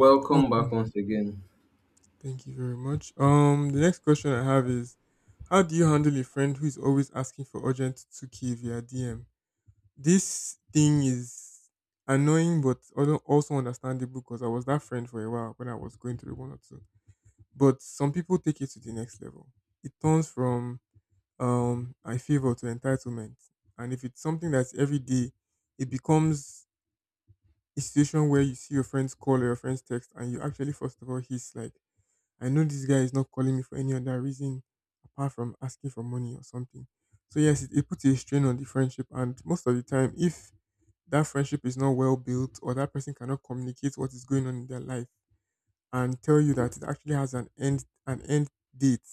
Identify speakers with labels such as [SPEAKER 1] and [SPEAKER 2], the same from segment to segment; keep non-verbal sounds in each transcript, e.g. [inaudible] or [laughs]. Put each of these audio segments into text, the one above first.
[SPEAKER 1] Welcome back
[SPEAKER 2] Welcome.
[SPEAKER 1] once again.
[SPEAKER 2] Thank you very much. The next question I have is, how do you handle a friend who is always asking for urgent 2K via DM? This thing is annoying but also understandable because I was that friend for a while when I was going through one or two. But some people take it to the next level. It turns from I favor to entitlement. And if it's something that's every day, it becomes a situation where you see your friends call or your friends text and you actually first of all hiss like, I know this guy is not calling me for any other reason apart from asking for money or something. So yes, it puts a strain on the friendship, and most of the time, if that friendship is not well built or that person cannot communicate what is going on in their life and tell you that it actually has an end date,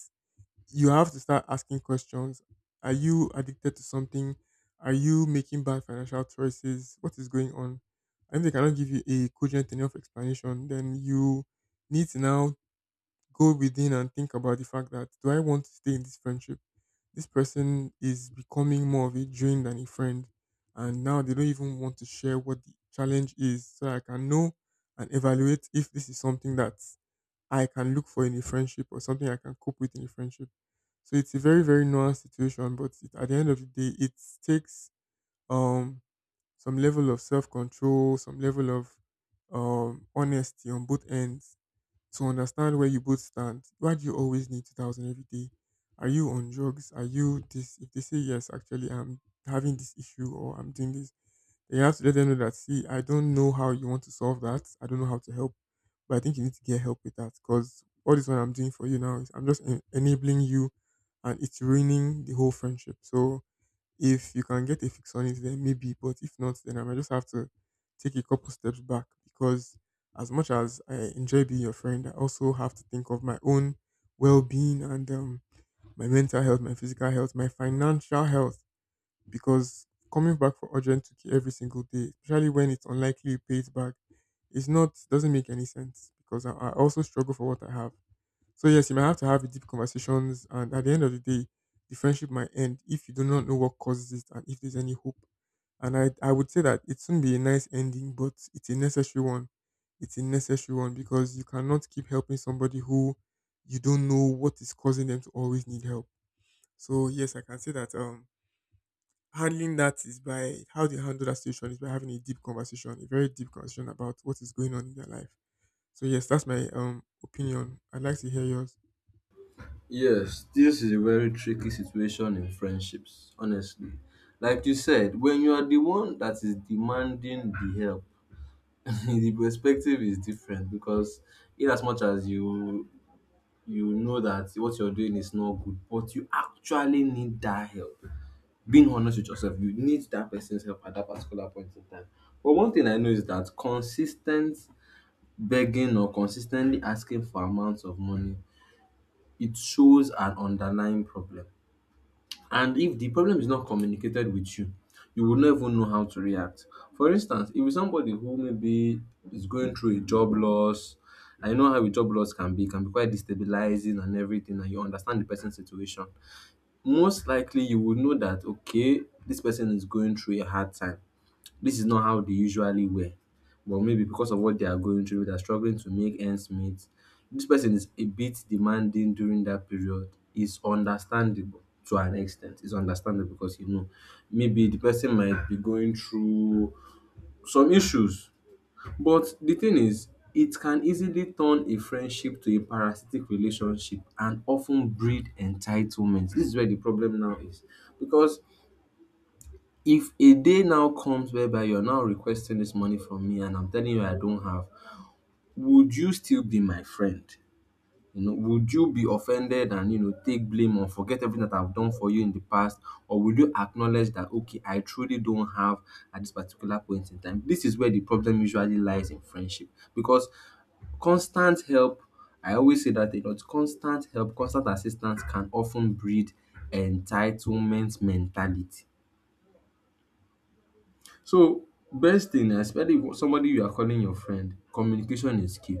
[SPEAKER 2] you have to start asking questions. Are you addicted to something? Are you making bad financial choices? What is going on? And if they cannot give you a cogent enough explanation, then you need to now go within and think about the fact that, do I want to stay in this friendship? This person is becoming more of a drain than a friend. And now they don't even want to share what the challenge is, so I can know and evaluate if this is something that I can look for in a friendship or something I can cope with in a friendship. So it's a very, very nuanced situation, but it, at the end of the day, it takes um some level of self control, some level of honesty on both ends to understand where you both stand. Why do you always need 2000 every day? Are you on drugs? Are you this? If they say, yes, actually, I'm having this issue or I'm doing this, then you have to let them know that, see, I don't know how you want to solve that. I don't know how to help, but I think you need to get help with that, because all this one I'm doing for you now is I'm just enabling you and it's ruining the whole friendship. So if you can get a fix on it, then maybe. But if not, then I might just have to take a couple steps back because as much as I enjoy being your friend, I also have to think of my own well being and my mental health, my physical health, my financial health. Because coming back for urgent 2K every single day, especially when it's unlikely you pay it back, it's not doesn't make any sense because I also struggle for what I have. So yes, you might have to have deep conversations, and at the end of the day, the friendship might end if you do not know what causes it and if there's any hope. And I would say that it shouldn't be a nice ending, but it's a necessary one. It's a necessary one because you cannot keep helping somebody who you don't know what is causing them to always need help. So yes, I can say that handling that is by how they handle that situation is by having a deep conversation, a very deep conversation about what is going on in their life. So yes, that's my opinion. I'd like to hear yours.
[SPEAKER 1] Yes, this is a very tricky situation in friendships, honestly. Like you said, when you are the one that is demanding the help, [laughs] the perspective is different because in as much as you know that what you're doing is not good, but you actually need that help. Being honest with yourself, you need that person's help at that particular point in time. But one thing I know is that consistent begging or consistently asking for amounts of money, it shows an underlying problem. And if the problem is not communicated with you, you will not even know how to react. For instance, if it's somebody who maybe is going through a job loss, I know how a job loss can be, it can be quite destabilizing and everything, and you understand the person's situation. Most likely, you would know that okay, this person is going through a hard time. This is not how they usually wear, but maybe because of what they are going through, they're struggling to make ends meet. This person is a bit demanding during that period. It's understandable to an extent. It's understandable because you know maybe the person might be going through some issues. But the thing is, it can easily turn a friendship to a parasitic relationship and often breed entitlement. This is where the problem now is, because if a day now comes whereby you're now requesting this money from me and I'm telling you I don't have, would you still be my friend? You know, would you be offended and you know take blame or forget everything that I've done for you in the past, or would you acknowledge that okay, I truly don't have at this particular point in time? This is where the problem usually lies in friendship, because constant help. I always say that a lot. Constant help, constant assistance can often breed entitlement mentality. So, best thing, especially if somebody you are calling your friend, communication is key.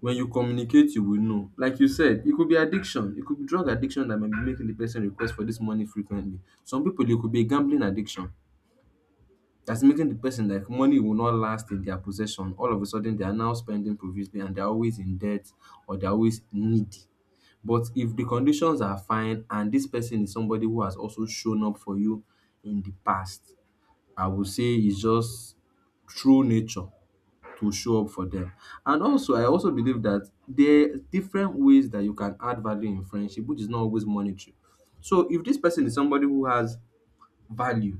[SPEAKER 1] When you communicate you will know. Like you said, it could be addiction, it could be drug addiction that might be making the person request for this money frequently. Some people, it could be gambling addiction that's making the person like money will not last in their possession. All of a sudden they are now spending profusely and they are always in debt or they are always needy. But if the conditions are fine and this person is somebody who has also shown up for you in the past, I would say it's just true nature to show up for them. And also, I also believe that there are different ways that you can add value in friendship, which is not always monetary. So, if this person is somebody who has value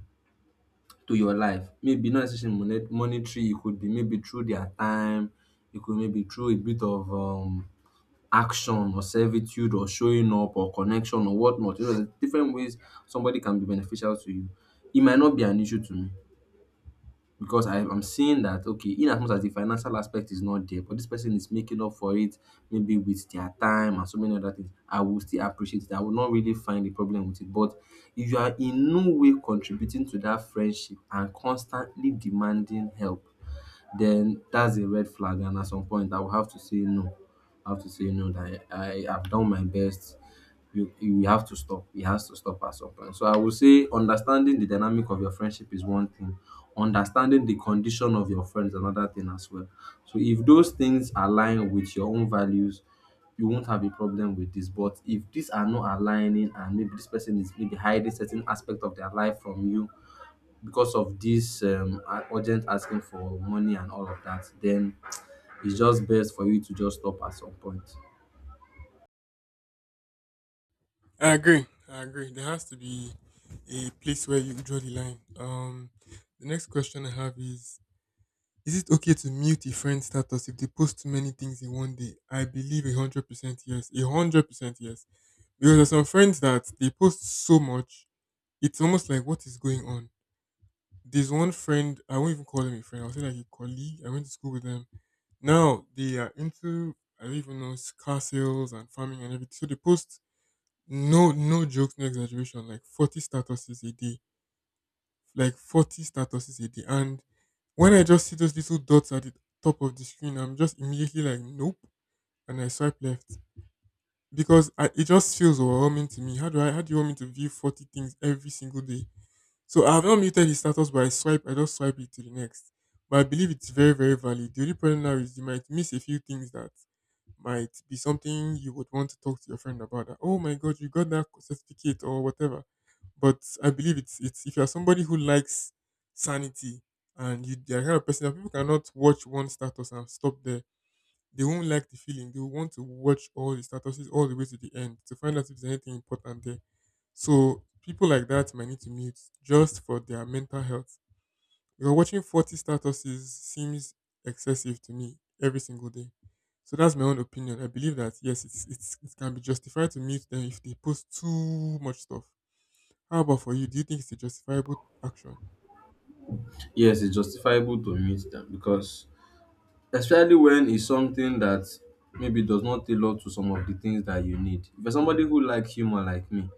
[SPEAKER 1] to your life, maybe not necessarily monetary, it could be maybe through their time, it could maybe through a bit of action or servitude or showing up or connection or whatnot. You know, there's different ways somebody can be beneficial to you. It might not be an issue to me because I'm seeing that okay, in as much as the financial aspect is not there, but this person is making up for it maybe with their time and so many other things. I will still appreciate it. I will not really find a problem with it. But if you are in no way contributing to that friendship and constantly demanding help, then that's a red flag. And at some point, I will have to say no. I have to say no that I have done my best. You have to stop. It has to stop at some point. So I will say understanding the dynamic of your friendship is one thing. Understanding the condition of your friends another thing as well. So if those things align with your own values, you won't have a problem with this. But if these are not aligning and maybe this person is maybe hiding certain aspect of their life from you, because of this urgent asking for money and all of that, then it's just best for you to just stop at some point.
[SPEAKER 2] I agree. I agree. There has to be a place where you draw the line. The next question I have is: is it okay to mute a friend's status if they post too many things in one day? I believe 100% yes. 100% yes. Because there's some friends that they post so much, it's almost like, what is going on? There's one friend, I won't even call him a friend. I'll say like a colleague. I went to school with them. Now they are into, I don't even know, car sales and farming and everything. So they post, no jokes, no exaggeration, like 40 statuses a day, like 40 statuses a day, and when I just see those little dots at the top of the screen, I'm just immediately like, nope. And I swipe left because it just feels overwhelming to me. How do i how do you want me to view 40 things every single day? So I have not muted the status, but I just swipe it to the next. But I believe it's very, very valid. The only problem now is you might miss a few things that might be something you would want to talk to your friend about. That, oh my god, you got that certificate or whatever. But I believe it's if you're somebody who likes sanity and you are the kind of person that people cannot watch one status and stop there. They won't like the feeling. They will want to watch all the statuses all the way to the end to find out if there's anything important there. So people like that might need to mute just for their mental health because watching 40 statuses seems excessive to me every single day. So that's my own opinion. I believe that, yes, it can be justified to mute them if they post too much stuff. How about for you? Do you think it's a justifiable action?
[SPEAKER 1] Yes, it's justifiable to meet them because especially when it's something that maybe does not tailor to some of the things that you need. If you're somebody who like humor like me,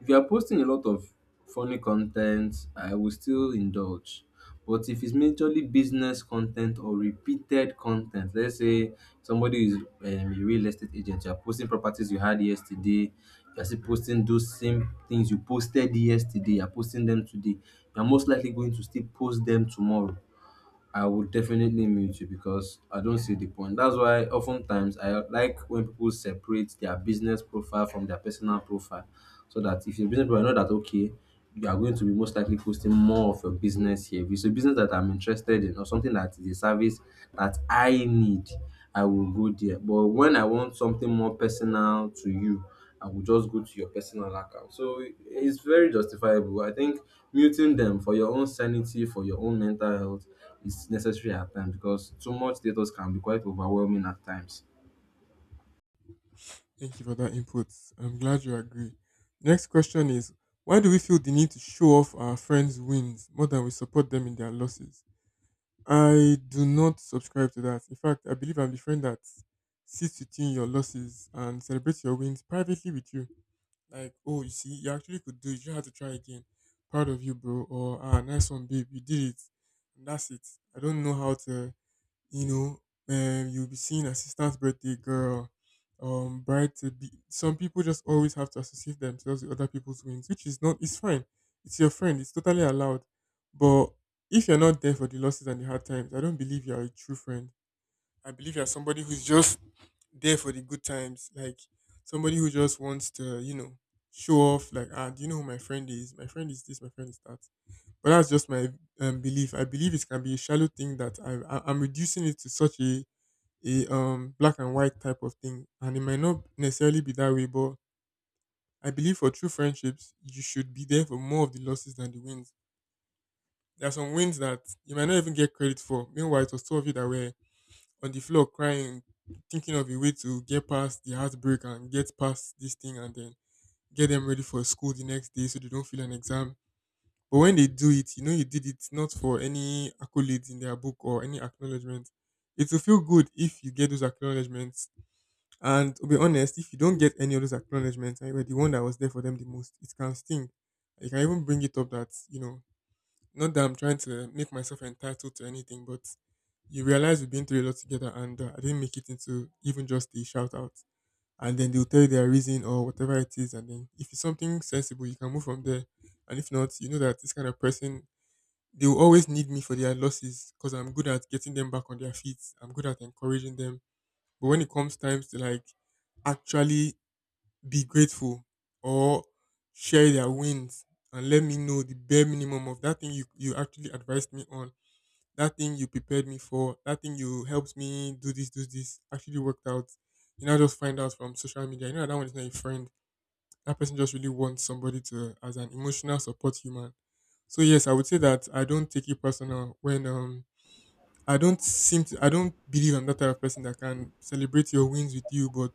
[SPEAKER 1] if you're posting a lot of funny content, I will still indulge. But if it's majorly business content or repeated content, let's say somebody is a real estate agent, you're posting properties you had yesterday, you're still posting those same things you posted yesterday, you're posting them today, you're most likely going to still post them tomorrow. I would definitely mute you because I don't see the point. That's why oftentimes I like when people separate their business profile from their personal profile. So that if your business profile, I know that okay, you are going to be most likely posting more of your business here. If it's a business that I'm interested in or something that is a service that I need, I will go there. But when I want something more personal to you, and will just go to your personal account. So it's very justifiable. I think muting them for your own sanity, for your own mental health is necessary at times because too much status can be quite overwhelming at times.
[SPEAKER 2] Thank you for that input. I'm glad you agree. Next question is, why do we feel the need to show off our friends' wins more than we support them in their losses? I do not subscribe to that. In fact, I believe I'm the friend that sits within your losses and celebrates your wins privately with you. Like, oh, you see, you actually could do it. You just had to try again. Proud of you, bro. Or ah, nice one, babe. You did it. And that's it. I don't know how to, you know, you'll be seeing assistant's birthday girl, bride to be. Some people just always have to associate themselves with other people's wins, which is not. It's fine. It's your friend. It's totally allowed. But if you're not there for the losses and the hard times, I don't believe you're a true friend. I believe you're somebody who's just there for the good times, like somebody who just wants to, you know, show off. Like, ah, do you know who my friend is? My friend is this. My friend is that. But that's just my belief. I believe it can be a shallow thing that I'm reducing it to such a black and white type of thing, and it might not necessarily be that way. But I believe for true friendships, you should be there for more of the losses than the wins. There are some wins that you might not even get credit for. Meanwhile, it was two of you that were on the floor crying, thinking of a way to get past the heartbreak and get past this thing and then get them ready for school the next day so they don't feel an exam. But when they do it, you know you did it not for any accolades in their book or any acknowledgement. It will feel good if you get those acknowledgements. And to be honest, if you don't get any of those acknowledgements and you were the one that was there for them the most, it can sting. You can even bring it up that, you know, not that I'm trying to make myself entitled to anything, but you realize we've been through a lot together and I didn't make it into even just a shout out. And then they'll tell you their reason or whatever it is. And then if it's something sensible, you can move from there. And if not, you know that this kind of person, they will always need me for their losses because I'm good at getting them back on their feet. I'm good at encouraging them. But when it comes times to like actually be grateful or share their wins and let me know the bare minimum of that thing you actually advised me on, that thing you prepared me for, that thing you helped me do this, actually worked out. You know, just find out from social media. You know, that one is not a friend. That person just really wants somebody to, as an emotional support human. So, yes, I would say that I don't take it personal when I don't seem to I don't believe I'm that type of person that can celebrate your wins with you but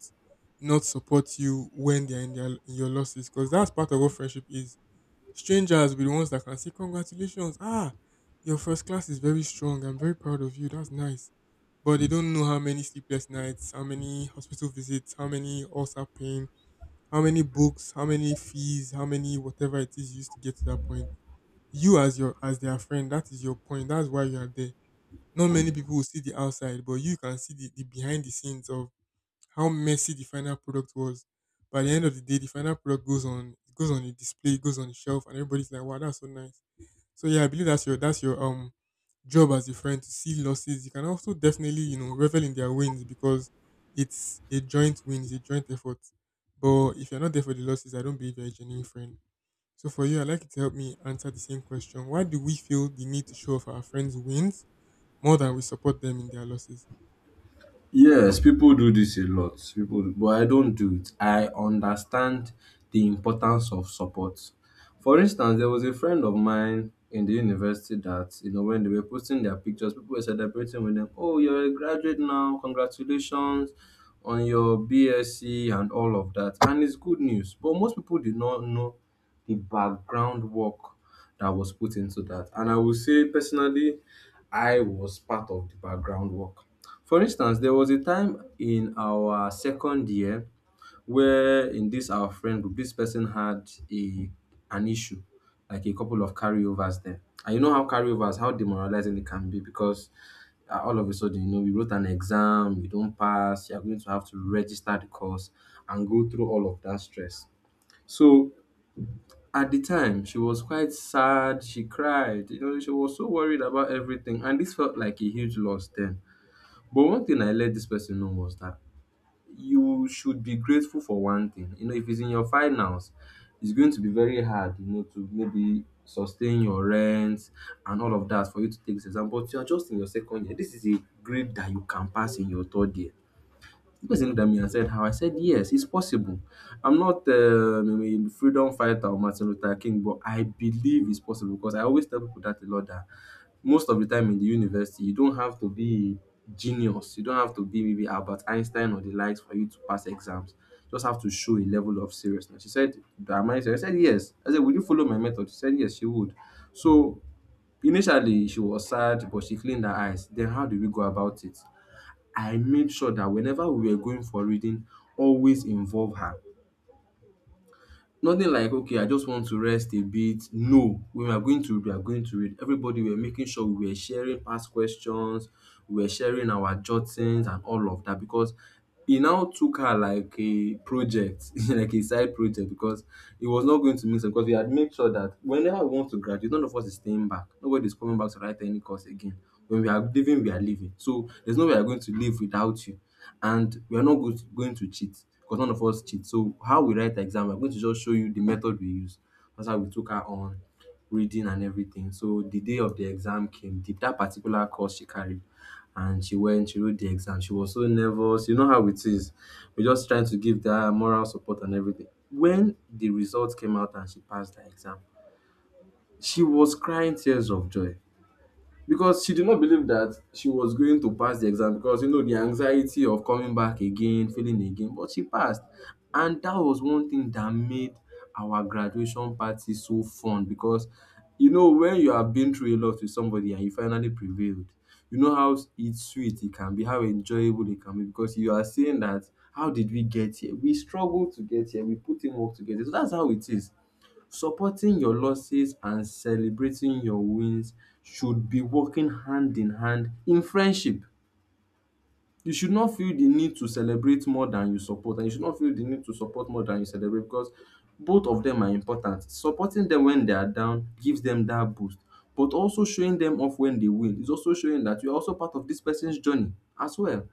[SPEAKER 2] not support you when they're in their in your losses because that's part of what friendship is. Strangers will be the ones that can say congratulations. Your first class is very strong. I'm very proud of you. That's nice. But they don't know how many sleepless nights, how many hospital visits, how many ulcer pain, how many books, how many fees, how many whatever it is used to get to that point. You as their friend, that is your point. That's why you are there. Not many people will see the outside, but you can see the behind the scenes of how messy the final product was. By the end of the day, the final product goes on a display, it goes on the shelf, and everybody's like, "Wow, that's so nice." So yeah, I believe that's your job as a friend to see losses. You can also definitely, revel in their wins because it's a joint win, it's a joint effort. But if you're not there for the losses, I don't believe you're a genuine friend. So for you, I'd like you to help me answer the same question. Why do we feel the need to show off our friends' wins more than we support them in their losses?
[SPEAKER 1] Yes, people do this a lot. People do, but I don't do it. I understand the importance of support. For instance, there was a friend of mine in the university that, you know, when they were posting their pictures, people were celebrating with them. Oh, you're a graduate now. Congratulations on your BSc and all of that. And it's good news. But most people did not know the background work that was put into that. And I will say personally, I was part of the background work. For instance, there was a time in our second year where in this our friend group, this person had a an issue, like a couple of carryovers there. And you know how carryovers, how demoralizing it can be because all of a sudden, you know, you wrote an exam, you don't pass, you're going to have to register the course and go through all of that stress. So at the time, she was quite sad. She cried. You know, she was so worried about everything. And this felt like a huge loss then, but one thing I let this person know was that you should be grateful for one thing. You know, if it's in your finals, it's going to be very hard, you know, to maybe sustain your rent and all of that for you to take this exam. But you are just in your second year. This is a grade that you can pass in your third year. The person looked at me and said, "How?" I said, "Yes, it's possible. I'm not a freedom fighter or Martin Luther King, but I believe it's possible," because I always tell people that a lot that most of the time in the university, you don't have to be genius. You don't have to be maybe Albert Einstein or the likes for you to pass exams. You just have to show a level of seriousness. She said, "Am I serious?" I said, "Yes." I said, "Will you follow my method?" She said yes, she would. So initially, she was sad, but she cleaned her eyes. Then, how did we go about it? I made sure that whenever we were going for reading, always involve her. Nothing like okay I just want to rest a bit. No, we are going to read, we are going to read. Everybody were making sure we were sharing past questions, we were sharing our jottings and all of that because e now took her like a project [laughs] like a side project because he was not going to miss her because we had made sure that whenever we want to graduate none of us is staying back. Nobody is coming back to write any course again. When we are leaving we are leaving. So there's no way we are going to leave without you and we are not go going to cheat because none of us cheat. So how we write the exam, I'm going to just show you the method we use. That's how we took her on reading and everything. So the day of the exam came, did that particular course she carried, and she went, she wrote the exam. She was so nervous. You know how it is. We're just trying to give that moral support and everything. When the results came out and she passed the exam, she was crying tears of joy because she did not believe that she was going to pass the exam because the anxiety of coming back again, failing again, but she passed. And that was one thing that made our graduation party so fun because when you have been through a lot with somebody and you finally prevailed, you know how it's sweet it can be, how enjoyable it can be, because you are saying that, how did we get here? We struggled to get here. We put in work to get here. So that's how it is. Supporting your losses and celebrating your wins should be working hand in hand in friendship. You should not feel the need to celebrate more than you support, and you should not feel the need to support more than you celebrate because both of them are important. Supporting them when they are down gives them that boost, but also showing them off when they win is also showing that you are also part of this person's journey as well.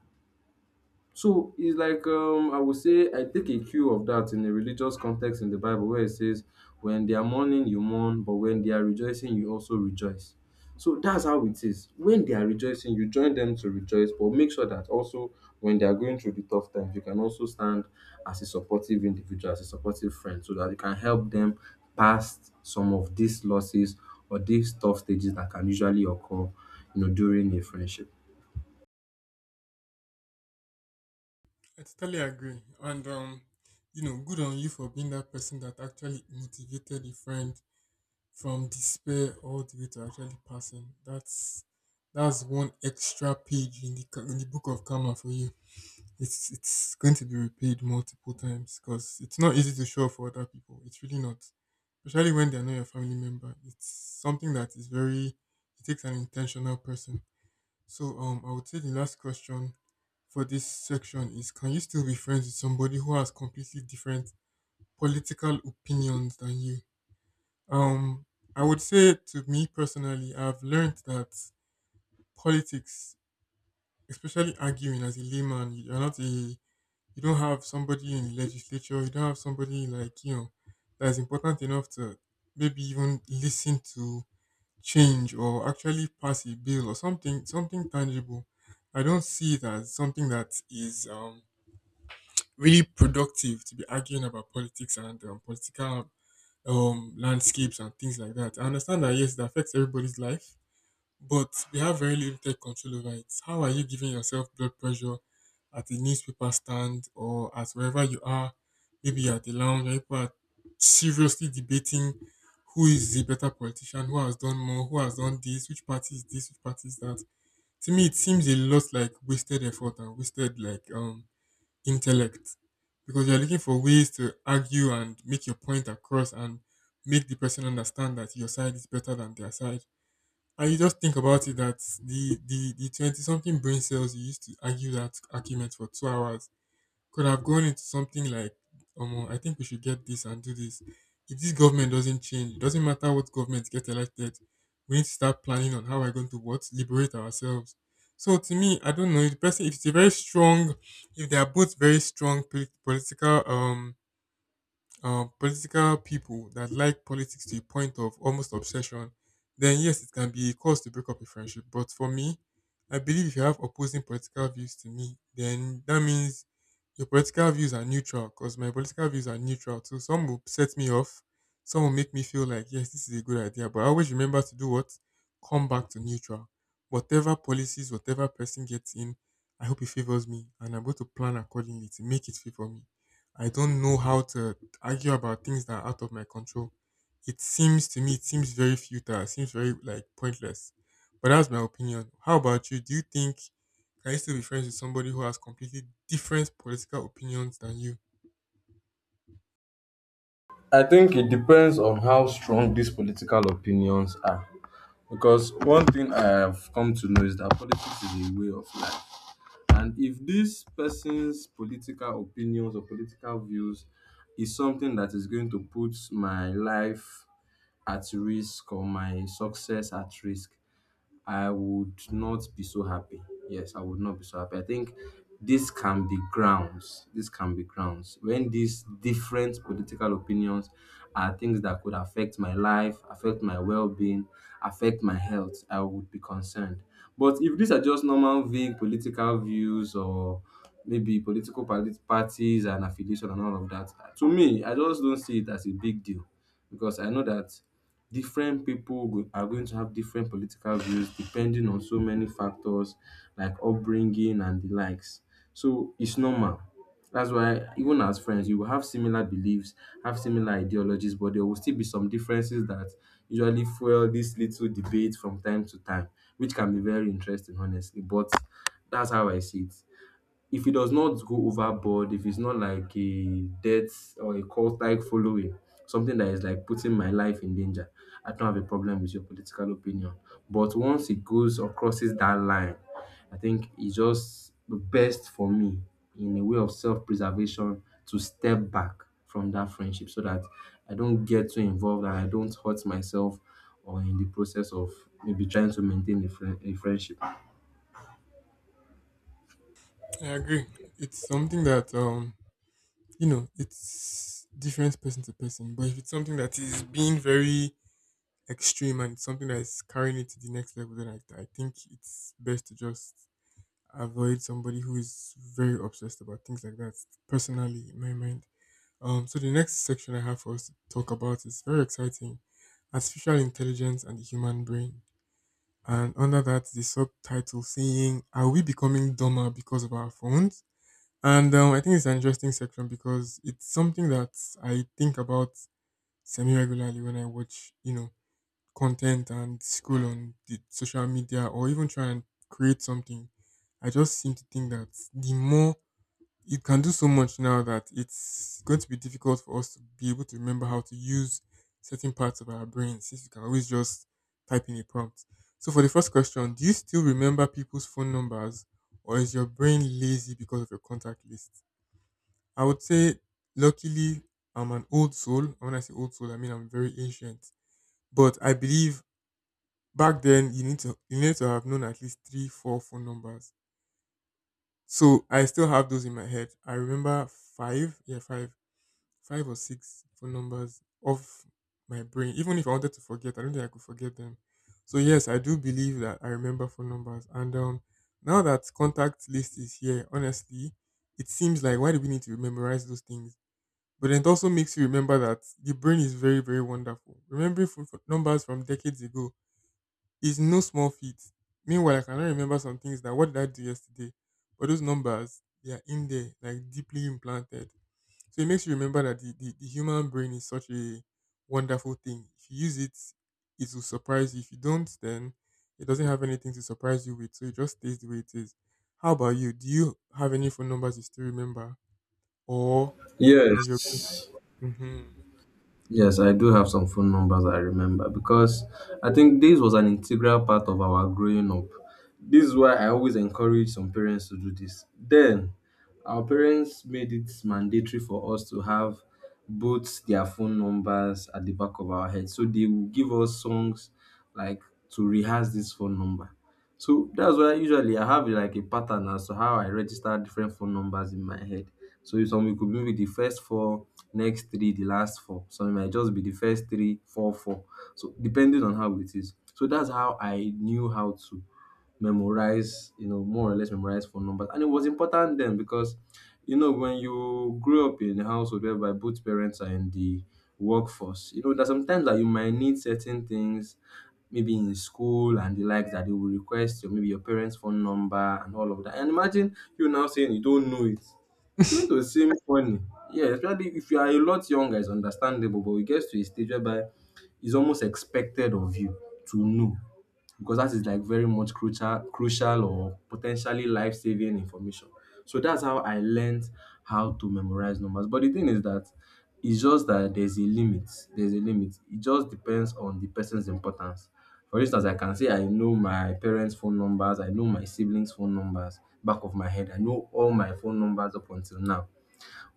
[SPEAKER 1] So it's like I would say I take a cue of that in a religious context in the Bible where it says, "When they are mourning, you mourn, but when they are rejoicing, you also rejoice." So that's how it is. When they are rejoicing, you join them to rejoice, but make sure that also when they are going through the tough times, you can also stand as a supportive individual, as a supportive friend, so that you can help them past some of these losses or these tough stages that can usually occur, during a friendship.
[SPEAKER 2] I totally agree. And good on you for being that person that actually motivated a friend from despair all the way to actually passing. That's one extra page in the book of karma for you. It's going to be repaid multiple times because it's not easy to show up for other people. It's really not, especially when they're not your family member. It's something that is very. It takes an intentional person. So I would say the last question for this section is: Can you still be friends with somebody who has completely different political opinions than you? Um, I would say to me personally, I've learned that politics, especially arguing as a layman, you're not a, you don't have somebody in the legislature, you don't have somebody like that is important enough to maybe even listen to change or actually pass a bill or something tangible. I don't see it as something that is really productive to be arguing about politics and political landscapes and things like that. I understand that yes, it affects everybody's life, but they have very limited control over it. How are you giving yourself blood pressure at a newspaper stand or at wherever you are? Maybe you're at the lounge where people are seriously debating who is the better politician, who has done more, who has done this, which party is this, which party is that. To me, it seems a lot like wasted effort and wasted like intellect because you're looking for ways to argue and make your point across and make the person understand that your side is better than their side, and you just think about it that the twenty something brain cells you used to argue that argument for 2 hours could have gone into something like, I think we should get this and do this. If this government doesn't change, it doesn't matter what government get elected, we need to start planning on how we're going to what liberate ourselves. So to me, I don't know. If the person, if it's a very strong, if they are both very strong political people that like politics to a point of almost obsession, then yes, it can be a cause to break up a friendship. But for me, I believe if you have opposing political views to me, then that means your political views are neutral because my political views are neutral. So some will set me off, some will make me feel like, yes, this is a good idea. But I always remember to do what? Come back to neutral. Whatever policies, whatever person gets in, I hope it favors me. And I'm going to plan accordingly to make it favor me. I don't know how to argue about things that are out of my control. It seems to me, it seems very futile, it seems very like pointless. But that's my opinion. How about you? Do you think, can you still be friends with somebody who has completely different political opinions than you?
[SPEAKER 1] I think it depends on how strong these political opinions are, because one thing I have come to know is that politics is a way of life. And if this person's political opinions or political views is something that is going to put my life at risk or my success at risk, I would not be so happy. Yes, I would not be so happy. I think this can be grounds. This can be grounds. When these different political opinions are things that could affect my life, affect my well being, affect my health, I would be concerned. But if these are just normal, vague political views or maybe political parties and affiliation and all of that, to me, I just don't see it as a big deal because I know that different people are going to have different political views depending on so many factors like upbringing and the likes. So it's normal. That's why even as friends, you will have similar beliefs, have similar ideologies, but there will still be some differences that usually fuel this little debate from time to time, which can be very interesting, honestly. But that's how I see it. If it does not go overboard, if it's not like a death or a cult like following, something that is like putting my life in danger, I don't have a problem with your political opinion. But once it goes or crosses that line, I think it's just the best for me in a way of self preservation to step back from that friendship so that I don't get too involved and I don't hurt myself, or in the process of maybe trying to maintain a friendship.
[SPEAKER 2] I agree. It's something that it's different person to person, but if it's something that is being very extreme and it's something that is carrying it to the next level, then I think it's best to just avoid somebody who is very obsessed about things like that personally in my mind. So the next section I have for us to talk about is very exciting. Artificial intelligence and the human brain. And under that, the subtitle saying, are we becoming dumber because of our phones? And I think it's an interesting section because it's something that I think about semi regularly. When I watch, content and scroll on the social media or even try and create something, I just seem to think that the more it can do so much now that it's going to be difficult for us to be able to remember how to use certain parts of our brain since you can always just type in a prompt. So for the first question, do you still remember people's phone numbers or is your brain lazy because of your contact list? I would say luckily I'm an old soul. And when I say old soul, I mean I'm very ancient. But I believe back then, you need to have known at least three, four phone numbers. So I still have those in my head. I remember five, yeah, five, five or six phone numbers of my brain. Even if I wanted to forget, I don't think I could forget them. So yes, I do believe that I remember phone numbers. And now that contact list is here, honestly, it seems like why do we need to memorize those things? But it also makes you remember that the brain is very, very wonderful. Remembering phone numbers from decades ago, it's no small feat. Meanwhile, I cannot remember some things that what did I do yesterday? But those numbers, they are in there, like deeply implanted. So it makes you remember that the human brain is such a wonderful thing. If you use it, it will surprise you. If you don't, then it doesn't have anything to surprise you with. So it just stays the way it is. How about you? Do you have any phone numbers you still remember? Or has your brain?
[SPEAKER 1] Yes.
[SPEAKER 2] Hmm.
[SPEAKER 1] Yes, I do have some phone numbers I remember because I think this was an integral part of our growing up. This is why I always encourage some parents to do this. Then, our parents made it mandatory for us to have both their phone numbers at the back of our head. So they would give us songs like to rehearse this phone number. So that's why usually I have like a pattern as to how I register different phone numbers in my head. So if some, it could be the first four, next three, the last four. So it might just be the first three, four, four. So depending on how it is. So that's how I knew how to memorize, more or less memorize phone numbers. And it was important then because, when you grow up in a household whereby both parents are in the workforce, there's sometimes that you might need certain things, maybe in school and the likes, that they will request your maybe your parents' phone number and all of that. And imagine you now saying you don't know it. It's going to seem funny. Yeah, especially if you are a lot younger, it's understandable, but it gets to a stage whereby it's almost expected of you to know, because that is like very much crucial or potentially life-saving information. So that's how I learned how to memorize numbers. But the thing is that it's just that there's a limit. There's a limit. It just depends on the person's importance. For instance, I can say I know my parents' phone numbers, I know my siblings' phone numbers back of my head. I know all my phone numbers up until now.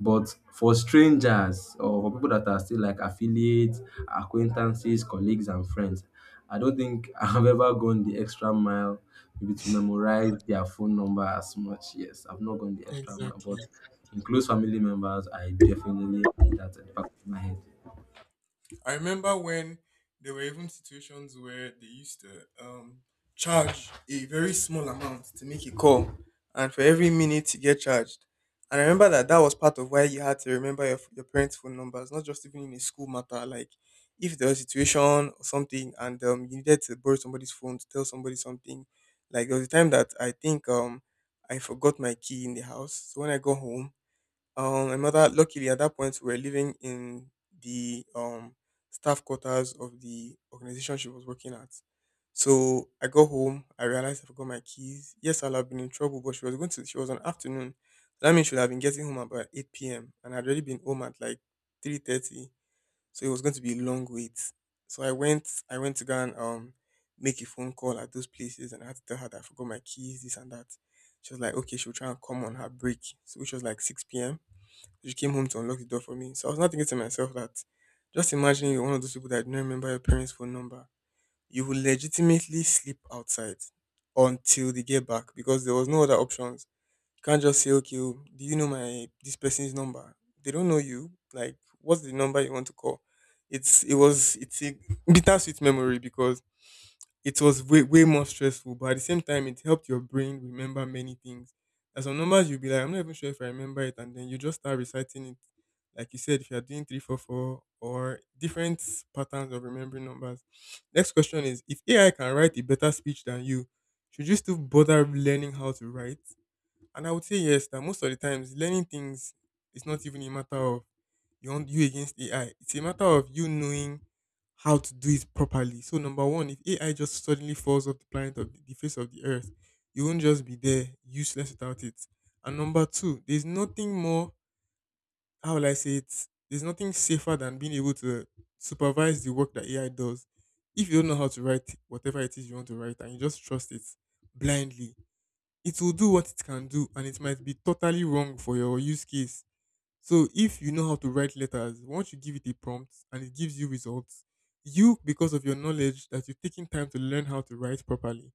[SPEAKER 1] But for strangers or for people that are still like affiliates, acquaintances, colleagues, and friends, I don't think [laughs] I've ever gone the extra mile maybe to memorize their phone number as much. Yes, I've not gone the extra mile, but
[SPEAKER 2] Exactly.
[SPEAKER 1] in close family members, I definitely have that at the back of my head.
[SPEAKER 2] I remember when there were even situations where they used to charge a very small amount to make a call, and for every minute you get charged. And I remember that that was part of why you had to remember your parents' phone numbers, not just even in a school matter. Like if there was a situation or something, and you needed to borrow somebody's phone to tell somebody something. Like there was a time that I think I forgot my key in the house, so when I got home, my mother, luckily at that point, we were living in the staff quarters of the organization she was working at. So I got home, I realized I forgot my keys. Yes, I'll have been in trouble, but she was on afternoon. That means she would have been getting home about eight p.m. and I'd already been home at like 3:30. So it was going to be a long wait. So I went to go and make a phone call at those places and I had to tell her that I forgot my keys, this and that. She was like, okay, she'll try and come on her break, so which was like six PM. She came home to unlock the door for me. So I was not thinking to myself that just imagine you're one of those people that do not remember your parents' phone number. You will legitimately sleep outside until they get back because there was no other options. You can't just say, okay, oh, do you know my this person's number? They don't know you. Like, what's the number you want to call? It's it was it's a [laughs] bittersweet memory because it was way, way more stressful, but at the same time, it helped your brain remember many things. As some numbers, you'll be like, I'm not even sure if I remember it, and then you just start reciting it. Like you said, if you're doing 344 or different patterns of remembering numbers. Next question is, if AI can write a better speech than you, should you still bother learning how to write? And I would say yes, that most of the times, learning things is not even a matter of you want you against AI. It's a matter of you knowing how to do it properly. So number one, if AI just suddenly falls off the planet of the face of the earth, you won't just be there useless without it. And number two, there's nothing more how will I say it? There's nothing safer than being able to supervise the work that AI does. If you don't know how to write whatever it is you want to write and you just trust it blindly, it will do what it can do and it might be totally wrong for your use case. So if you know how to write letters, once you give it a prompt and it gives you results, you, because of your knowledge that you've taken time to learn how to write properly,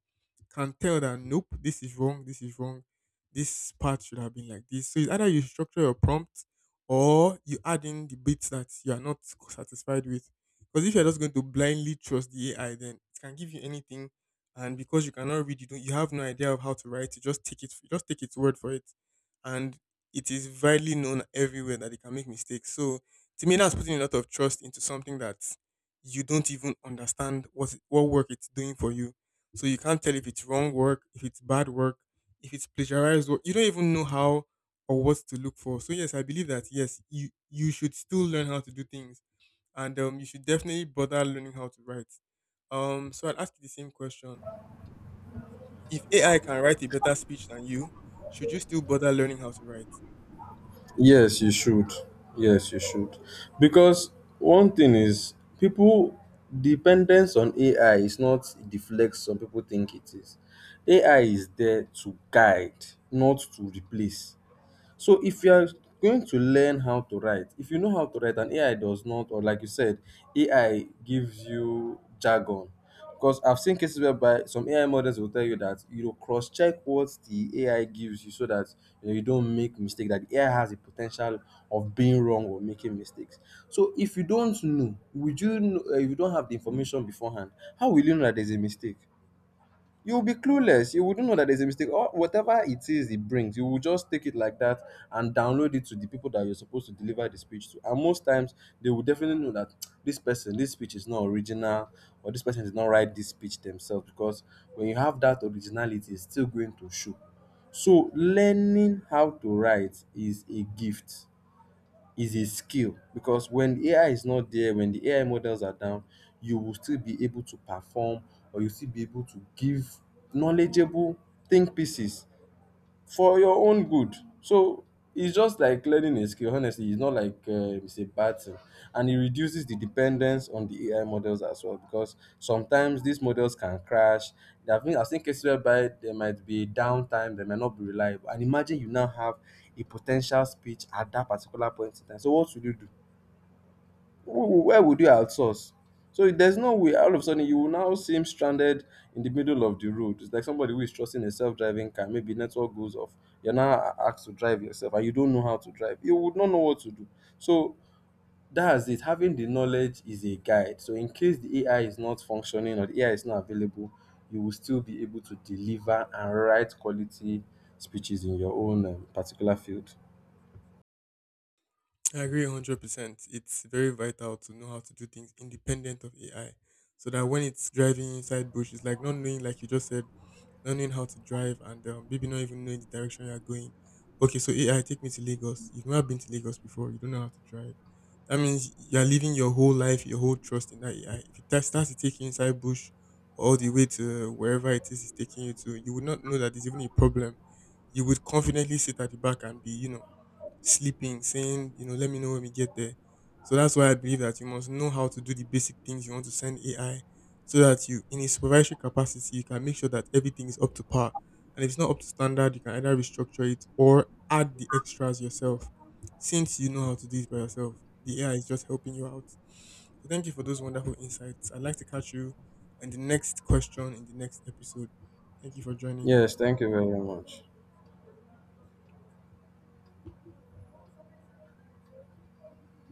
[SPEAKER 2] can tell that nope, this is wrong, this is wrong, this part should have been like this. So it's either you structure your prompt or you add in the bits that you are not satisfied with. Because if you're just going to blindly trust the AI, then it can give you anything. And because you cannot read, you don't, you have no idea of how to write. You just take it, you just take its word for it. And it is widely known everywhere that they can make mistakes. So to me, that's putting a lot of trust into something that you don't even understand what work it's doing for you. So you can't tell if it's wrong work, if it's bad work, if it's plagiarized work. You don't even know how or what to look for. So yes, I believe that yes, you should still learn how to do things, and you should definitely bother learning how to write. So I'd ask you the same question: if AI can write a better speech than you, should you still bother learning how to write?
[SPEAKER 1] Yes, you should. Yes, you should. Because one thing is, people dependence on AI is not the flex some people think it is. AI is there to guide, not to replace. So if you are going to learn how to write, if you does instead AI gives you jargon, because I've seen cases whereby some AI models will tell you that, you know, cross check what the AI gives you, so that you don't make mistake, that the AI has the potential of being wrong or making mistakes. So if you don't know, would you know, if you don't have the information beforehand, how will you know that there's a mistake? You'll be clueless. You wouldn't know that there's a mistake or whatever it is it brings. You will just take it like that and download it to the people that you're supposed to deliver the speech to. And most times, they will definitely know that this person, this speech is not original, or this person did not write this speech themselves, because when you have that originality, it's still going to show. So, learning how to write is a gift, is a skill, because when AI is not there, when the AI models are down, you will still be able to perform, or you still be able to give knowledgeable think pieces for your own good. So it's just like learning a skill. Honestly, it's not like it's a bad thing, and it reduces the dependence on the AI models as well because sometimes these models can crash. I've seen cases whereby there might be downtime, they might not be reliable. And imagine you now have a potential speech at that particular point in time. So what will you do? Who- Where would you outsource? So there's no way. All of a sudden, you will now seem stranded in the middle of the road. It's like somebody who is trusting a self-driving car. Maybe network goes off. You're now asked to drive yourself, and you don't know how to drive. You would not know what to do. So that's it. Having the knowledge is a guide. So in case the AI is not functioning or the AI is not available, you will still be able to deliver and write quality speeches in your own particular field.
[SPEAKER 2] I agree 100%. It's very vital to know how to do things independent of AI so that when it's driving inside bush, it's like not knowing, like you just said, not knowing how to drive and maybe not even knowing the direction you're going. Okay, so AI, take me to Lagos. You've never been to Lagos before, you don't know how to drive. That means you're living your whole life, your whole trust in that AI. If it ta- starts to take you inside bush all the way to wherever it is it's taking you to, you would not know that there's even a problem. You would confidently sit at the back and be, you know, sleeping, saying, you know, let me know when we get there. So that's why I believe that you must know how to do the basic things you want to send AI so that you, in a supervisory capacity, you can make sure that everything is up to par. And if it's not up to standard, you can either restructure it or add the extras yourself. Since you know how to do it by yourself, the AI is just helping you out. So thank you for those wonderful insights. I'd like to catch you in the next question in the next episode. Thank you for joining.
[SPEAKER 1] Yes, thank you very much.